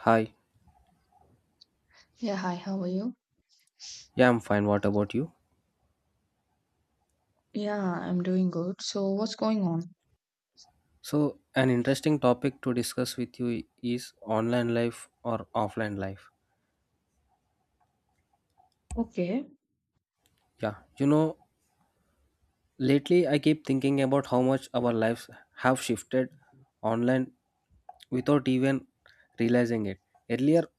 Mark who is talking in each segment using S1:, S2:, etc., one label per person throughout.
S1: Hi,
S2: Yeah, hi, how are you?
S1: yeah, I'm fine. What about you?
S2: Yeah, I'm doing good. So, what's going on?
S1: So, an interesting topic to discuss with you is online life or offline life.
S2: Okay.
S1: Yeah, you know, lately I keep thinking about how much our lives have shifted online without even realizing it. Earlier,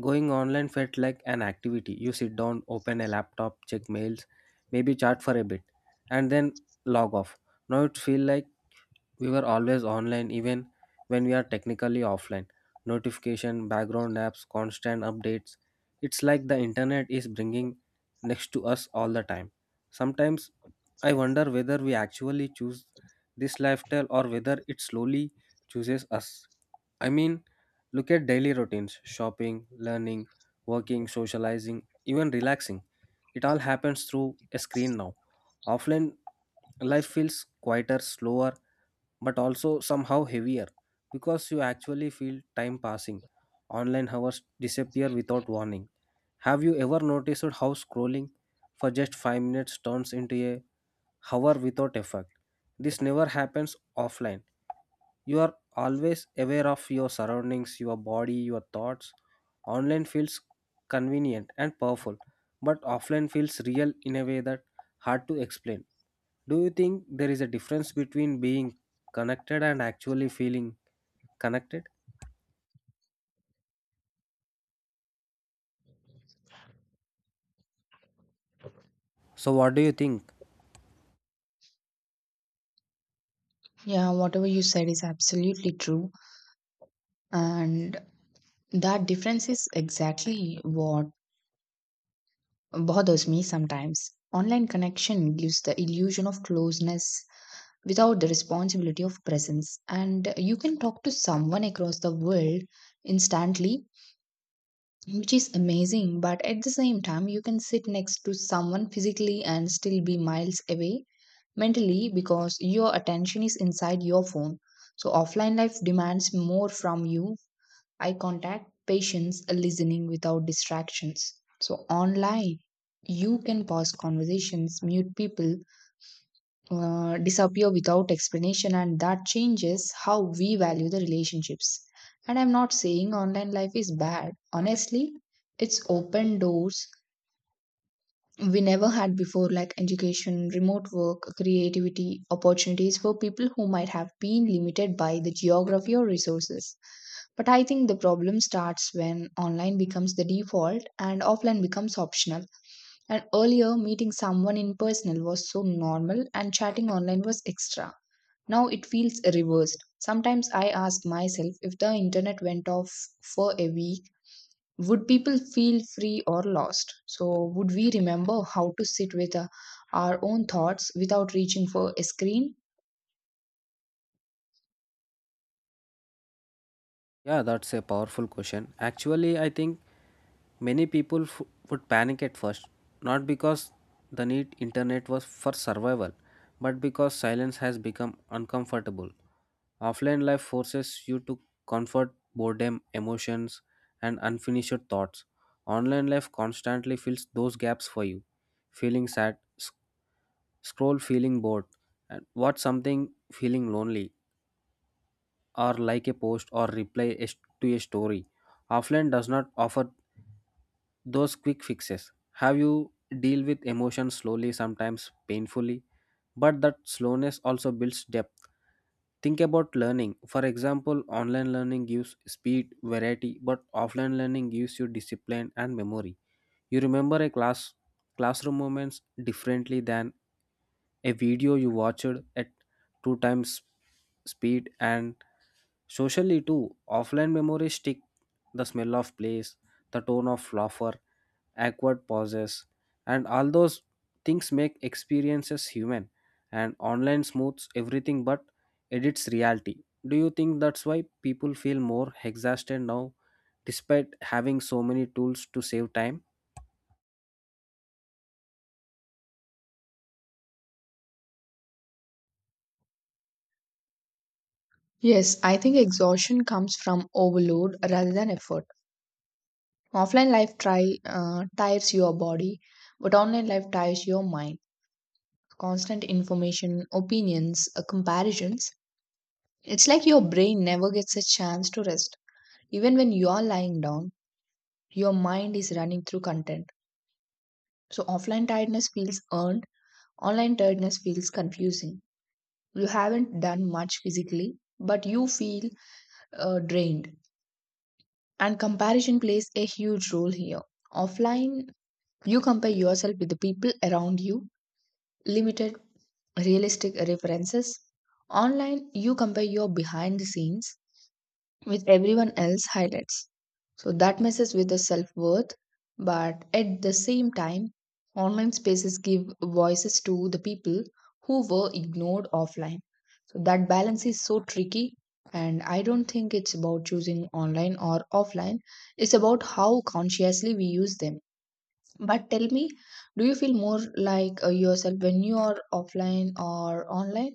S1: going online felt like an activity. You sit down, open a laptop, check mails, maybe chat for a bit, and then log off. Now it feels like we were always online even when we are technically offline. Notification, background apps, constant updates. It's like the internet is bringing next to us all the time. Sometimes I wonder whether we actually choose this lifestyle or whether it slowly chooses us. I mean, look at daily routines shopping, learning, working, socializing, even relaxing. It all happens through a screen now. Offline life feels quieter, slower, but also somehow heavier because you actually feel time passing. Online hours disappear without warning. Have you ever noticed how scrolling for just 5 minutes turns into a hour without effect? This never happens offline. You are always aware of your surroundings, your body, your thoughts. Online feels convenient and powerful, but offline feels real in a way that hard to explain. Do you think there is a difference between being connected and actually feeling connected? So, what do you think?
S2: Yeah, whatever you said is absolutely true. And that difference is exactly what bothers me sometimes. Online connection gives the illusion of closeness without the responsibility of presence. And you can talk to someone across the world instantly, which is amazing. But at the same time, you can sit next to someone physically and still be miles away mentally because your attention is inside your phone. So, offline life demands more from you eye contact, patience, listening without distractions. So, online, you can pause conversations, mute people, disappear without explanation, and that changes how we value the relationships. And I'm not saying online life is bad. Honestly, it's open doors we never had before, like education, remote work, creativity, opportunities for people who might have been limited by the geography or resources. But I think the problem starts when online becomes the default and offline becomes optional. And earlier, meeting someone in person was so normal and chatting online was extra. Now it feels reversed. Sometimes I ask myself if the internet went off for a week would people feel free or lost? So, would we remember how to sit with our own thoughts without reaching for a screen?
S1: Yeah, that's a powerful question. Actually, I think many people would panic at first, not because the need internet was for survival, but because silence has become uncomfortable. Offline life forces you to comfort boredom, emotions, and unfinished thoughts. Online life constantly fills those gaps for you. Feeling sad, scroll feeling bored, and watch something feeling lonely or like a post or reply a to a story. Offline does not offer those quick fixes have you deal with emotions slowly sometimes painfully, but that slowness also builds depth. Think about learning, for example. Online learning gives speed variety, but offline learning gives you discipline and memory. You remember a classroom moments differently than a video you watched at two times speed. And socially too, offline memories stick: the smell of place, the tone of laughter, awkward pauses, and all those things make experiences human. And online smooths everything but edits reality. Do you think that's why people feel more exhausted now, despite having so many tools to save time?
S2: Yes, I think exhaustion comes from overload rather than effort. Offline life tires your body, but online life tires your mind. Constant information, opinions, comparisons. It's like your brain never gets a chance to rest. Even when you are lying down, your mind is running through content. So, offline tiredness feels earned. Online tiredness feels confusing. You haven't done much physically, but you feel drained. And comparison plays a huge role here. Offline, you compare yourself with the people around you, limited realistic references. Online, you compare your behind the scenes with everyone else highlights. So that messes with the self worth. But at the same time, online spaces give voices to the people who were ignored offline. So that balance is so tricky. And I don't think it's about choosing online or offline, it's about how consciously we use them. But tell me, do you feel more like yourself when you are offline or online?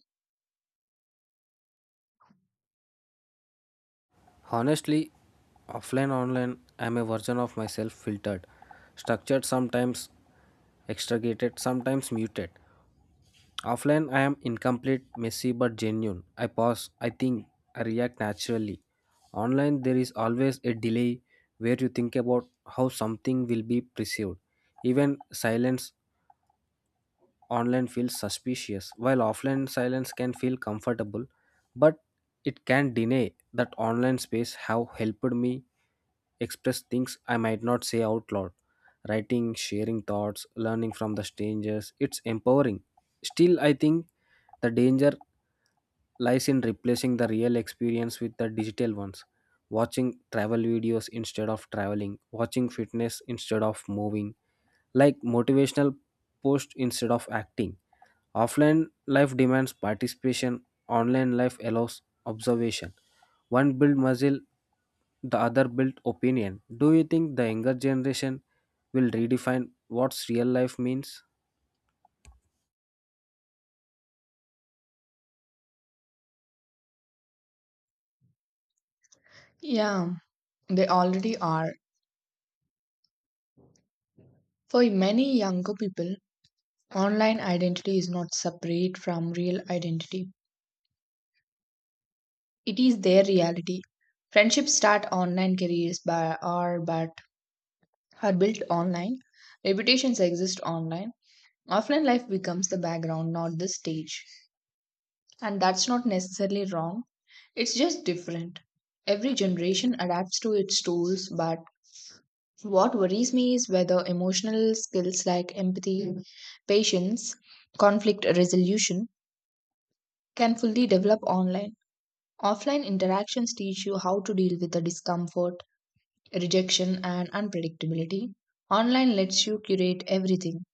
S1: Honestly, offline online, I'm a version of myself filtered, structured sometimes, extricated sometimes muted. Offline, I am incomplete, messy, but genuine. I pause, I think, I react naturally. Online, there is always a delay where you think about how something will be perceived. Even silence online feels suspicious, while offline silence can feel comfortable, but it can deny that online space have helped me express things I might not say out loud. Writing, sharing thoughts, learning from the strangers, it's empowering. Still, I think the danger lies in replacing the real experience with the digital ones. Watching travel videos instead of traveling, watching fitness instead of moving, like motivational post instead of acting. Offline life demands participation, online life allows observation. One build muscle, the other build opinion. Do you think the younger generation will redefine what's real life means?
S2: Yeah, they already are. For many younger people, online identity is not separate from real identity. It is their reality. Friendships start online, careers by, are but are built online. Reputations exist online. Offline life becomes the background, not the stage. And that's not necessarily wrong. It's just different. Every generation adapts to its tools, but what worries me is whether emotional skills like empathy, patience, conflict resolution can fully develop online. Offline interactions teach you how to deal with the discomfort, rejection, and unpredictability. Online lets you curate everything,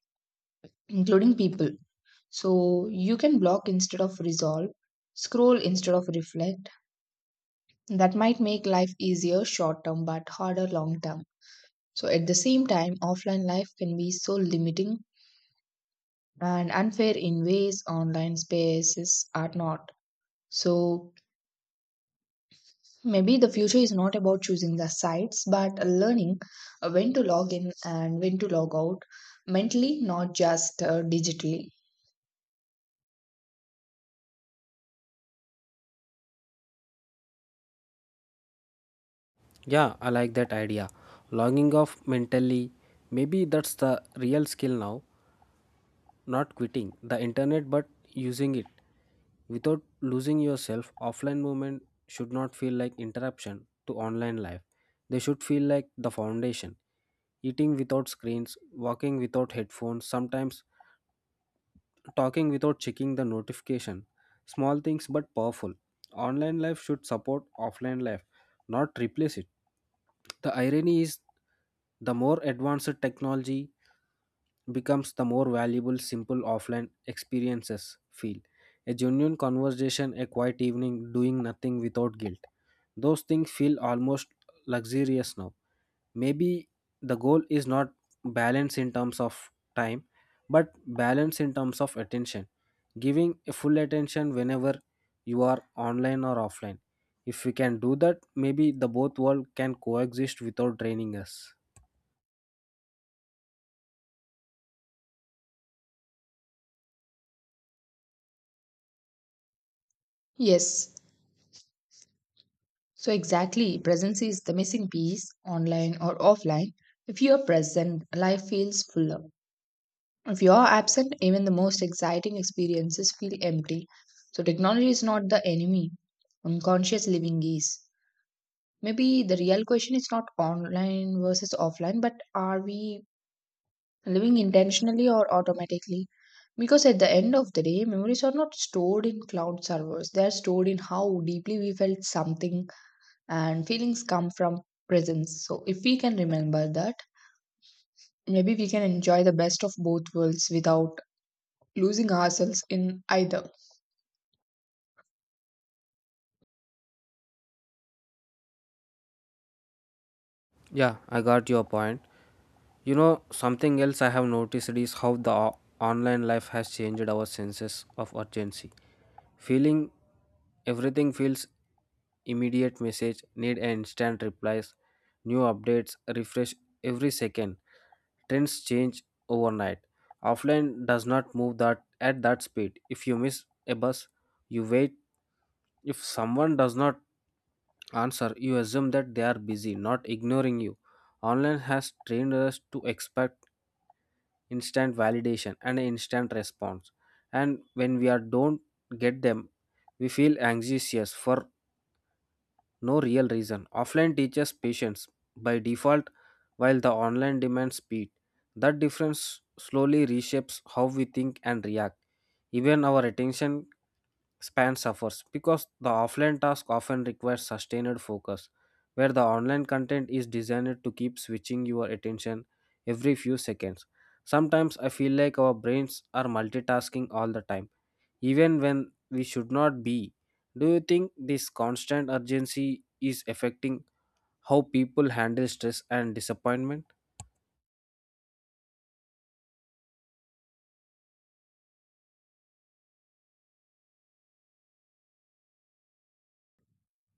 S2: including people. So you can block instead of resolve, scroll instead of reflect. That might make life easier short term but harder long term. So at the same time, offline life can be so limiting and unfair in ways online spaces are not. So maybe the future is not about choosing the sites, but learning when to log in and when to log out mentally, not just digitally.
S1: Yeah, I like that idea. Logging off mentally. Maybe that's the real skill now. Not quitting the internet, but using it. Without losing yourself, offline movement should not feel like interruption to online life. They should feel like the foundation. Eating without screens, walking without headphones, sometimes talking without checking the notification. Small things but powerful. Online life should support offline life, not replace it. The irony is the more advanced technology becomes, the more valuable simple offline experiences feel. A genuine conversation, a quiet evening, doing nothing without guilt. Those things feel almost luxurious now. Maybe the goal is not balance in terms of time, but balance in terms of attention, giving a full attention whenever you are online or offline. If we can do that, maybe the both world can coexist without draining us.
S2: Yes, so exactly. Presence is the missing piece, online or offline. If you are present, life feels fuller. If you are absent, even the most exciting experiences feel empty. So, technology is not the enemy, unconscious living is. Maybe the real question is not online versus offline, but are we living intentionally or automatically. Because at the end of the day, memories are not stored in cloud servers, they are stored in how deeply we felt something, and feelings come from presence. So, if we can remember that, maybe we can enjoy the best of both worlds without losing ourselves in either.
S1: Yeah, I got your point. You know, something else I have noticed is how the online life has changed our senses of urgency. Feeling everything feels immediate message, need an instant replies, new updates, refresh every second. Trends change overnight. Offline does not move that at that speed. If you miss a bus, you wait. If someone does not answer, you assume that they are busy, not ignoring you. Online has trained us to expect instant validation and instant response, and when we are don't get them, we feel anxious for no real reason. Offline teaches patience by default, while the online demands speed. That difference slowly reshapes how we think and react. Even our attention span suffers because the offline task often requires sustained focus, where the online content is designed to keep switching your attention every few seconds. Sometimes I feel like our brains are multitasking all the time, even when we should not be. Do you think this constant urgency is affecting how people handle stress and disappointment?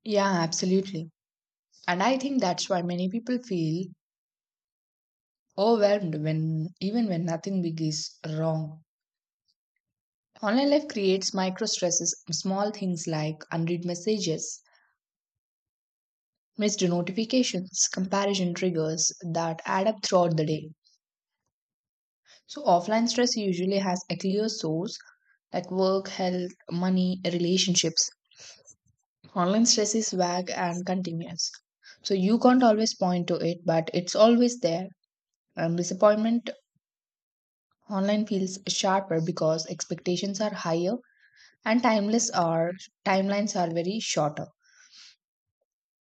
S2: Yeah, absolutely. And I think that's why many people feel overwhelmed when even when nothing big is wrong. Online life creates micro stresses, small things like unread messages, missed notifications, comparison triggers that add up throughout the day. So, offline stress usually has a clear source like work, health, money, relationships. Online stress is vague and continuous. So, you can't always point to it, but it's always there. And disappointment online feels sharper because expectations are higher and timeless are timelines are very shorter.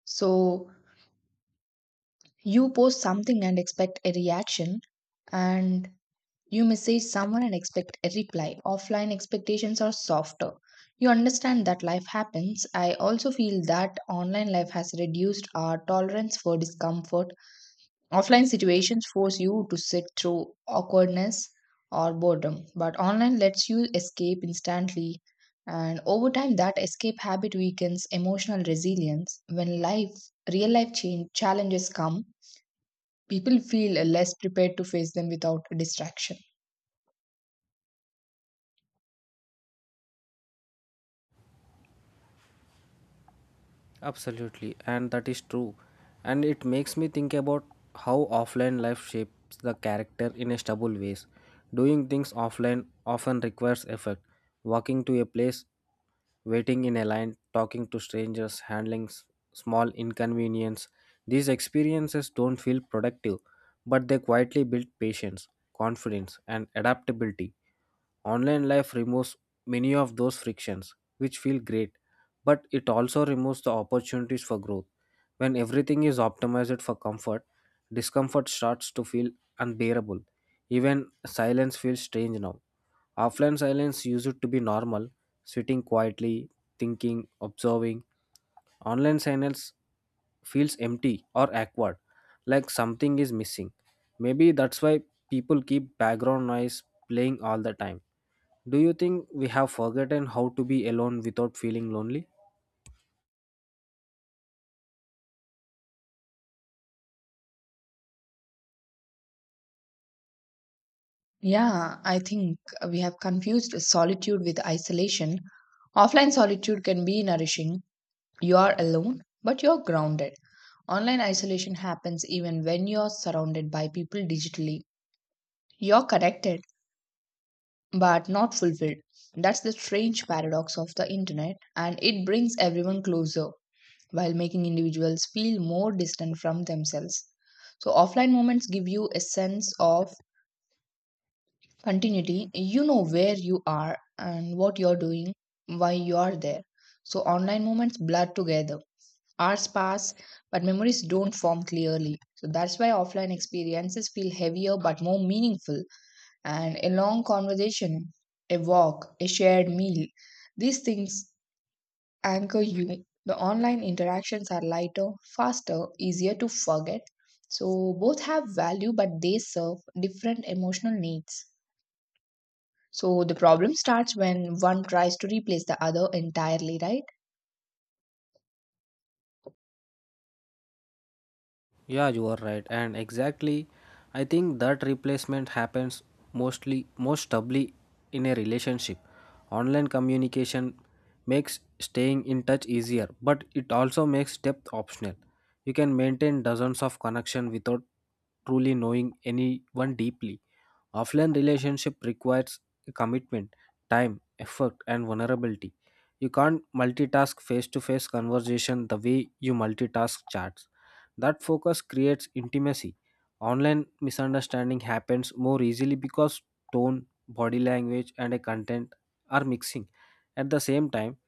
S2: So, you post something and expect a reaction and you message someone and expect a reply. Offline expectations are softer. You understand that life happens. I also feel that online life has reduced our tolerance for discomfort. Offline situations force you to sit through awkwardness or boredom, but online lets you escape instantly. And over time, that escape habit weakens emotional resilience. When real life challenges come, people feel less prepared to face them without distraction.
S1: Absolutely, and that is true. And it makes me think about how offline life shapes the character in a stubble ways. Doing things offline often requires effort. Walking to a place, waiting in a line, talking to strangers, handling small inconvenience. These experiences don't feel productive, but they quietly build patience, confidence, and adaptability. Online life removes many of those frictions, which feel great, but it also removes the opportunities for growth. When everything is optimized for comfort, discomfort starts to feel unbearable. Even silence feels strange now. Offline silence used to be normal, sitting quietly, thinking, observing. Online signals feels empty or awkward, like something is missing. Maybe that's why people keep background noise playing all the time. Do you think we have forgotten how to be alone without feeling lonely?
S2: Yeah, I think we have confused solitude with isolation. Offline solitude can be nourishing. You are alone, but you're grounded. Online isolation happens even when you're surrounded by people digitally. You're connected, but not fulfilled. That's the strange paradox of the internet, and it brings everyone closer, while making individuals feel more distant from themselves. So, offline moments give you a sense of continuity. You know where you are and what you're doing, why you are there. So, online moments blur together. Hours pass, but memories don't form clearly. So, that's why offline experiences feel heavier but more meaningful. And a long conversation, a walk, a shared meal, these things anchor you. The online interactions are lighter, faster, easier to forget. So both have value, but they serve different emotional needs. So the problem starts when one tries to replace the other entirely, right?
S1: Yeah, you are right. And exactly, I think that replacement happens mostly, most stably in a relationship. Online communication makes staying in touch easier, but it also makes depth optional. You can maintain dozens of connection without truly knowing anyone deeply. Offline relationship requires commitment, time, effort, and vulnerability. You can't multitask face-to-face conversation the way you multitask chats. That focus creates intimacy. Online misunderstanding happens more easily because tone, body language, and a content are mixing. At the same time,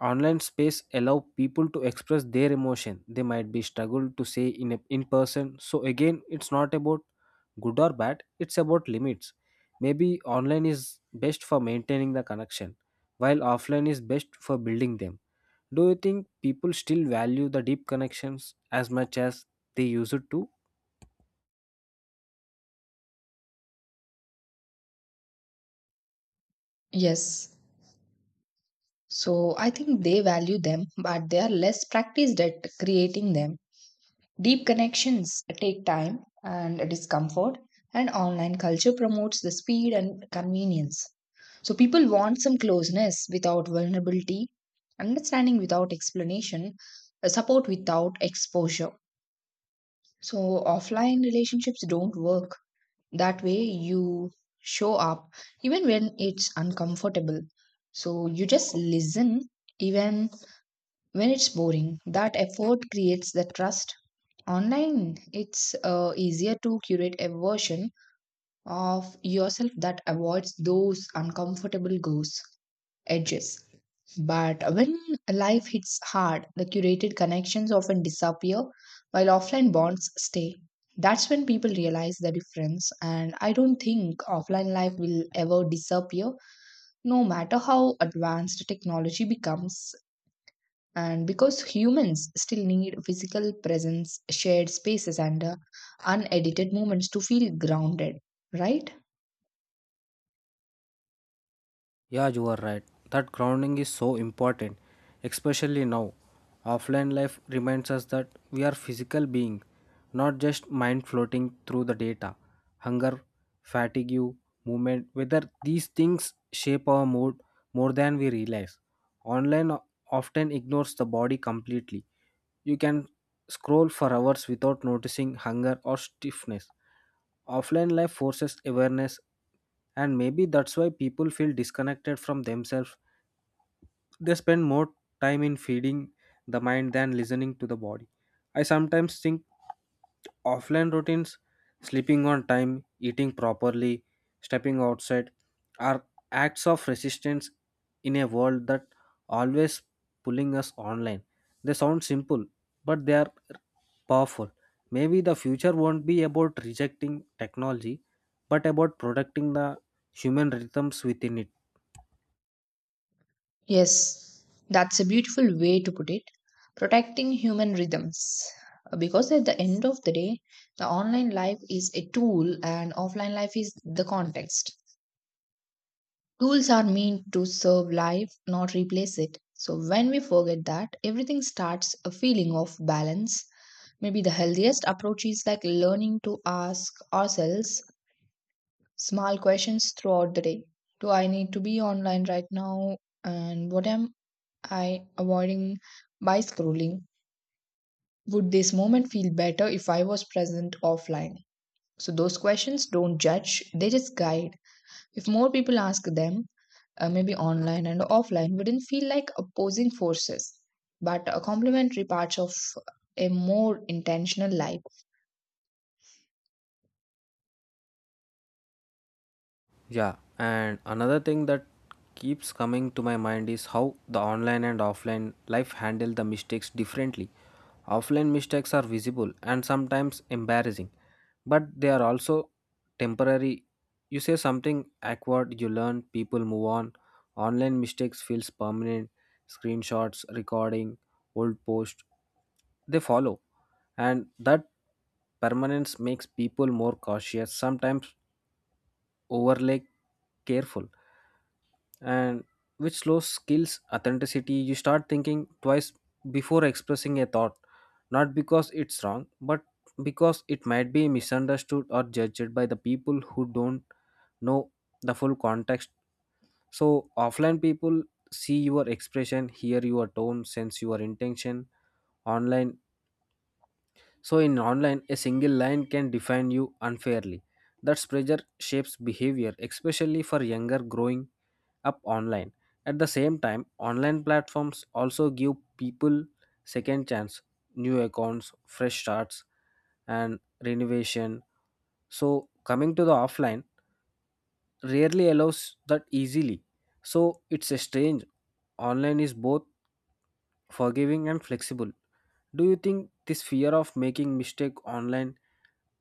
S1: online space allow people to express their emotion they might be struggled to say in person. So again, it's not about good or bad. It's about limits. Maybe online is best for maintaining the connection, while offline is best for building them. Do you think people still value the deep connections as much as they used to?
S2: Yes. So I think they value them, but they are less practiced at creating them. Deep connections take time and discomfort, and online culture promotes the speed and convenience. So people want some closeness without vulnerability, understanding without explanation, support without exposure. So offline relationships don't work. That way you show up even when it's uncomfortable. So you just listen even when it's boring. That effort creates the trust. Online, it's easier to curate a version of yourself that avoids those edges. But when life hits hard, the curated connections often disappear while offline bonds stay. That's when people realize the difference, and I don't think offline life will ever disappear, no matter how advanced technology becomes. And because humans still need physical presence, shared spaces, and unedited moments to feel grounded, right?
S1: Yeah, you are right. That grounding is so important, especially now. Offline life reminds us that we are physical beings, not just mind floating through the data. Hunger, fatigue, movement, whether these things shape our mood more than we realize. Online often ignores the body completely. You can scroll for hours without noticing hunger or stiffness. Offline life forces awareness, and maybe that's why people feel disconnected from themselves. They spend more time in feeding the mind than listening to the body. I sometimes think offline routines, sleeping on time, eating properly, stepping outside, are acts of resistance in a world that always pulling us online. They sound simple, but they are powerful. Maybe the future won't be about rejecting technology, but about protecting the human rhythms within it.
S2: Yes, that's a beautiful way to put it. Protecting human rhythms. Because at the end of the day, the online life is a tool and offline life is the context. Tools are meant to serve life, not replace it. So when we forget that, everything starts a feeling of balance. Maybe the healthiest approach is like learning to ask ourselves small questions throughout the day. Do I need to be online right now? And what am I avoiding by scrolling? Would this moment feel better if I was present offline? So, those questions don't judge, they just guide. If more people ask them, maybe online and offline wouldn't feel like opposing forces, but a complementary part of a more intentional life.
S1: Yeah, and another thing that keeps coming to my mind is how the online and offline life handle the mistakes differently. Offline mistakes are visible and sometimes embarrassing, but they are also temporary. You say something awkward, you learn, people move on. Online mistakes feels permanent. Screenshots, recording, old post, they follow, and that permanence makes people more cautious, sometimes overly careful, and which slows skills authenticity. You start thinking twice before expressing a thought, not because it's wrong, but because it might be misunderstood or judged by the people who don't know the full context. So offline people see your expression, hear your tone, sense your intention. Online, so in online a single line can define you unfairly. That pressure shapes behavior, especially for younger growing up online. At the same time, online platforms also give people second chance, new accounts, fresh starts, and renovation. So coming to the offline rarely allows that easily. So it's a strange. Online is both forgiving and flexible. Do you think this fear of making mistake online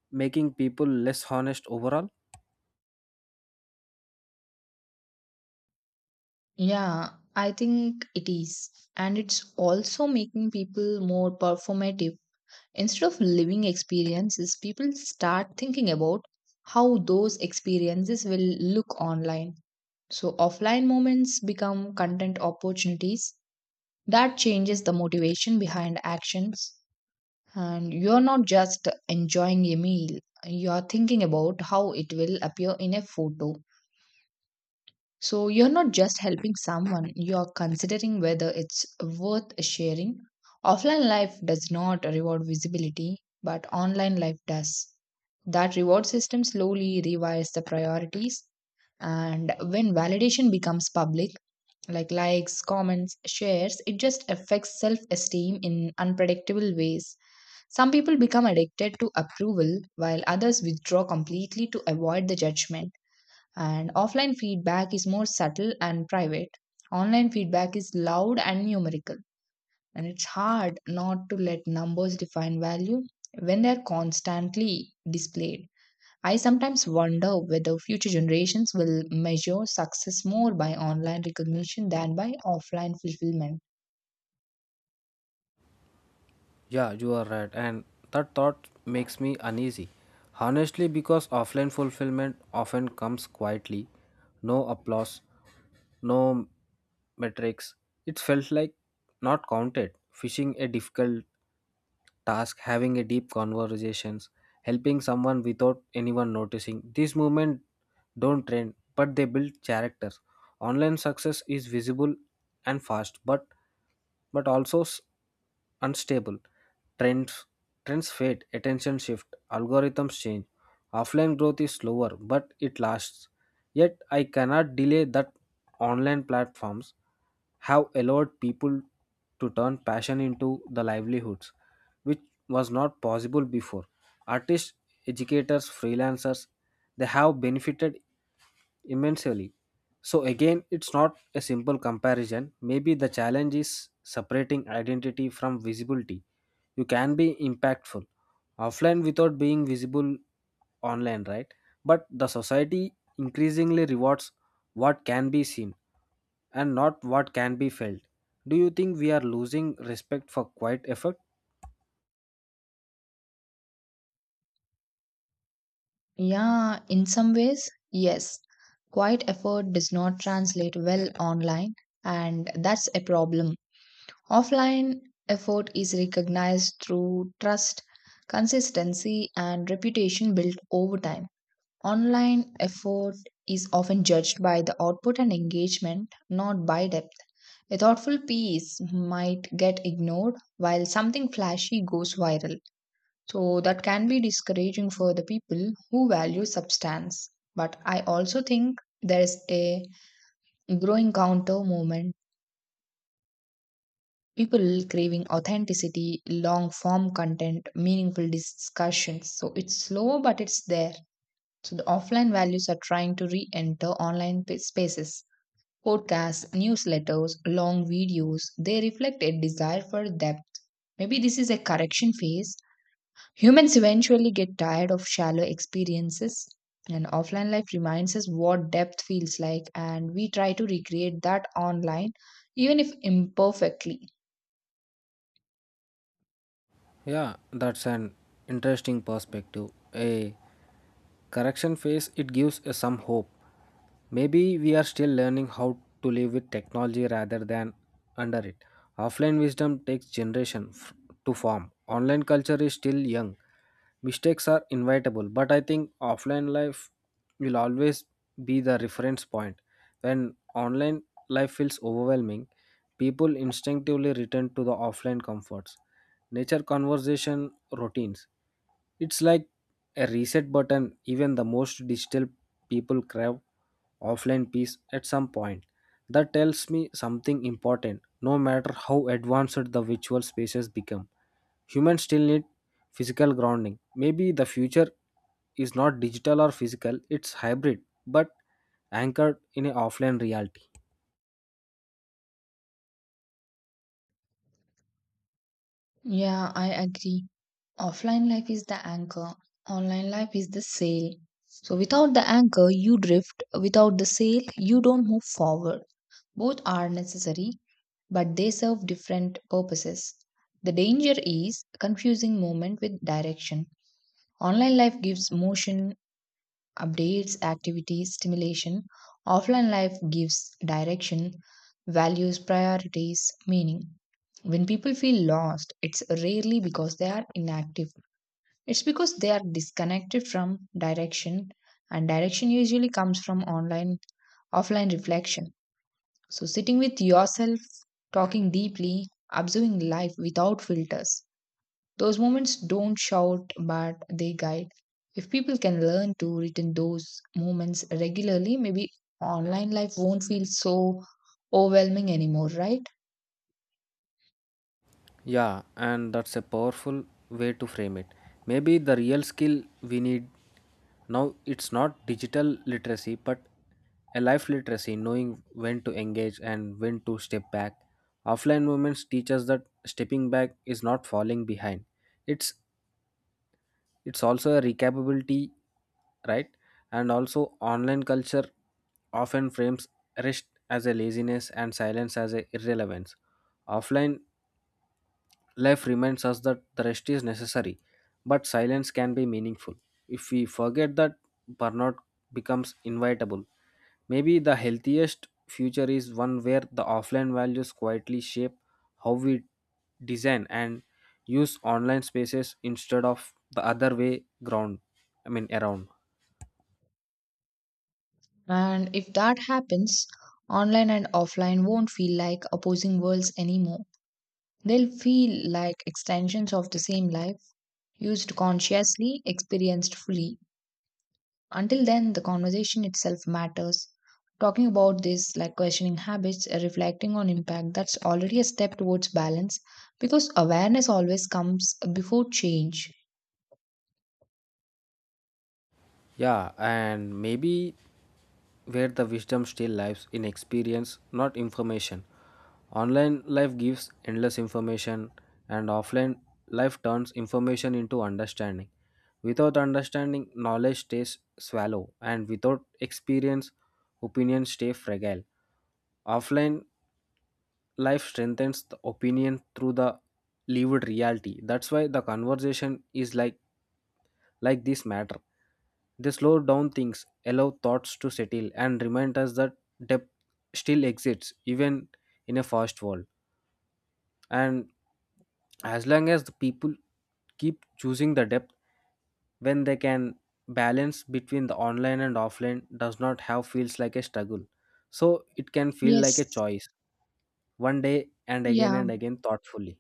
S1: making people less honest overall?
S2: Yeah, I think it is. And it's also making people more performative. Instead of living experiences, people start thinking about how those experiences will look online. So offline moments become content opportunities. That changes the motivation behind actions. And you're not just enjoying a meal, you're thinking about how it will appear in a photo. So you're not just helping someone, you're considering whether it's worth sharing. Offline life does not reward visibility, but online life does. That reward system slowly revives the priorities, and when validation becomes public, like likes, comments, shares, it just affects self esteem in unpredictable ways. Some people become addicted to approval, while others withdraw completely to avoid the judgment. And offline feedback is more subtle and private. Online feedback is loud and numerical. And it's hard not to let numbers define value when they're constantly displayed. I sometimes wonder whether future generations will measure success more by online recognition than by offline fulfillment.
S1: Yeah, you are right. And that thought makes me uneasy. Honestly, because offline fulfillment often comes quietly, no applause, no metrics. It felt like not counted, fishing a difficult task, having a deep conversations, helping someone without anyone noticing. These movements don't trend, but they build character. Online success is visible and fast, but also unstable. Trends trends fade, attention shift, algorithms change. Offline growth is slower, but it lasts. Yet I cannot delay that online platforms have allowed people to turn passion into the livelihoods, which was not possible before. Artists, educators, freelancers, they have benefited immensely. So, again, it's not a simple comparison. Maybe the challenge is separating identity from visibility. You can be impactful offline without being visible online, right? But the society increasingly rewards what can be seen and not what can be felt. Do you think we are losing respect for quiet effort?
S2: Yeah, in some ways, yes. Quiet effort does not translate well online, and that's a problem. Offline effort is recognized through trust, consistency, and reputation built over time. Online effort is often judged by the output and engagement, not by depth. A thoughtful piece might get ignored while something flashy goes viral. So, that can be discouraging for the people who value substance. But I also think there is a growing counter movement, people craving authenticity, long form content, meaningful discussions. So it's slow, but it's there. So the offline values are trying to re enter online spaces. Podcasts, newsletters, long videos, they reflect a desire for depth. Maybe this is a correction phase. Humans eventually get tired of shallow experiences, and offline life reminds us what depth feels like, and we try to recreate that online, even if imperfectly.
S1: Yeah, that's an interesting perspective. A correction phase, it gives us some hope. Maybe we are still learning how to live with technology rather than under it. Offline wisdom takes generation to form. Online culture is still young. Mistakes are inevitable, but I think offline life will always be the reference point. When online life feels overwhelming, people instinctively return to the offline comforts. Nature conversation routines, it's like a reset button. Even the most digital people crave offline peace at some point. That tells me something important. No matter how advanced the virtual spaces become, humans still need physical grounding. Maybe the future is not digital or physical, it's hybrid, but anchored in an offline reality.
S2: Yeah, I agree. Offline life is the anchor, online life is the sail. So, without the anchor, you drift. Without the sail, you don't move forward. Both are necessary, but they serve different purposes. The danger is confusing movement with direction. Online life gives motion, updates, activities, stimulation. Offline life gives direction, values, priorities, meaning. When people feel lost, it's rarely because they are inactive. It's because they are disconnected from direction, and direction usually comes from offline reflection. So, sitting with yourself, talking deeply, observing life without filters. Those moments don't shout, but they guide. If people can learn to return those moments regularly, maybe online life won't feel so overwhelming anymore, right?
S1: Yeah, and that's a powerful way to frame it. Maybe the real skill we need now it's not digital literacy but a life literacy, knowing when to engage and when to step back. Offline movements teach us that stepping back is not falling behind. It's it's also a recapability, right? And also online culture often frames rest as a laziness and silence as a irrelevance. Offline life reminds us that the rest is necessary, but silence can be meaningful. If we forget that, burnout becomes inevitable. Maybe the healthiest future is one where the offline values quietly shape how we design and use online spaces instead of the other way ground. I mean, around.
S2: And if that happens, online and offline won't feel like opposing worlds anymore. They'll feel like extensions of the same life, used consciously, experienced fully. Until then, the conversation itself matters. Talking about this, like questioning habits, reflecting on impact, that's already a step towards balance because awareness always comes before change.
S1: Yeah, and maybe where the wisdom still lives in experience, not information. Online life gives endless information, and offline life turns information into understanding. Without understanding, knowledge stays shallow, and without experience, opinions stay fragile. Offline life strengthens the opinion through the lived reality. That's why the conversation is like this matter. They slow down things, allow thoughts to settle, and remind us that depth still exists even in a fast world. And as long as the people keep choosing the depth when they can, balance between the online and offline does not have feels like a struggle. So it can feel like a
S2: Yes.
S1: choice one day
S2: Yeah.
S1: and again thoughtfully.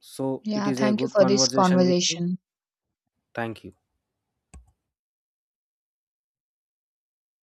S1: So it
S2: Yeah.
S1: is a
S2: Thank you
S1: good
S2: for this
S1: conversation with you.
S2: conversation.
S1: Thank you.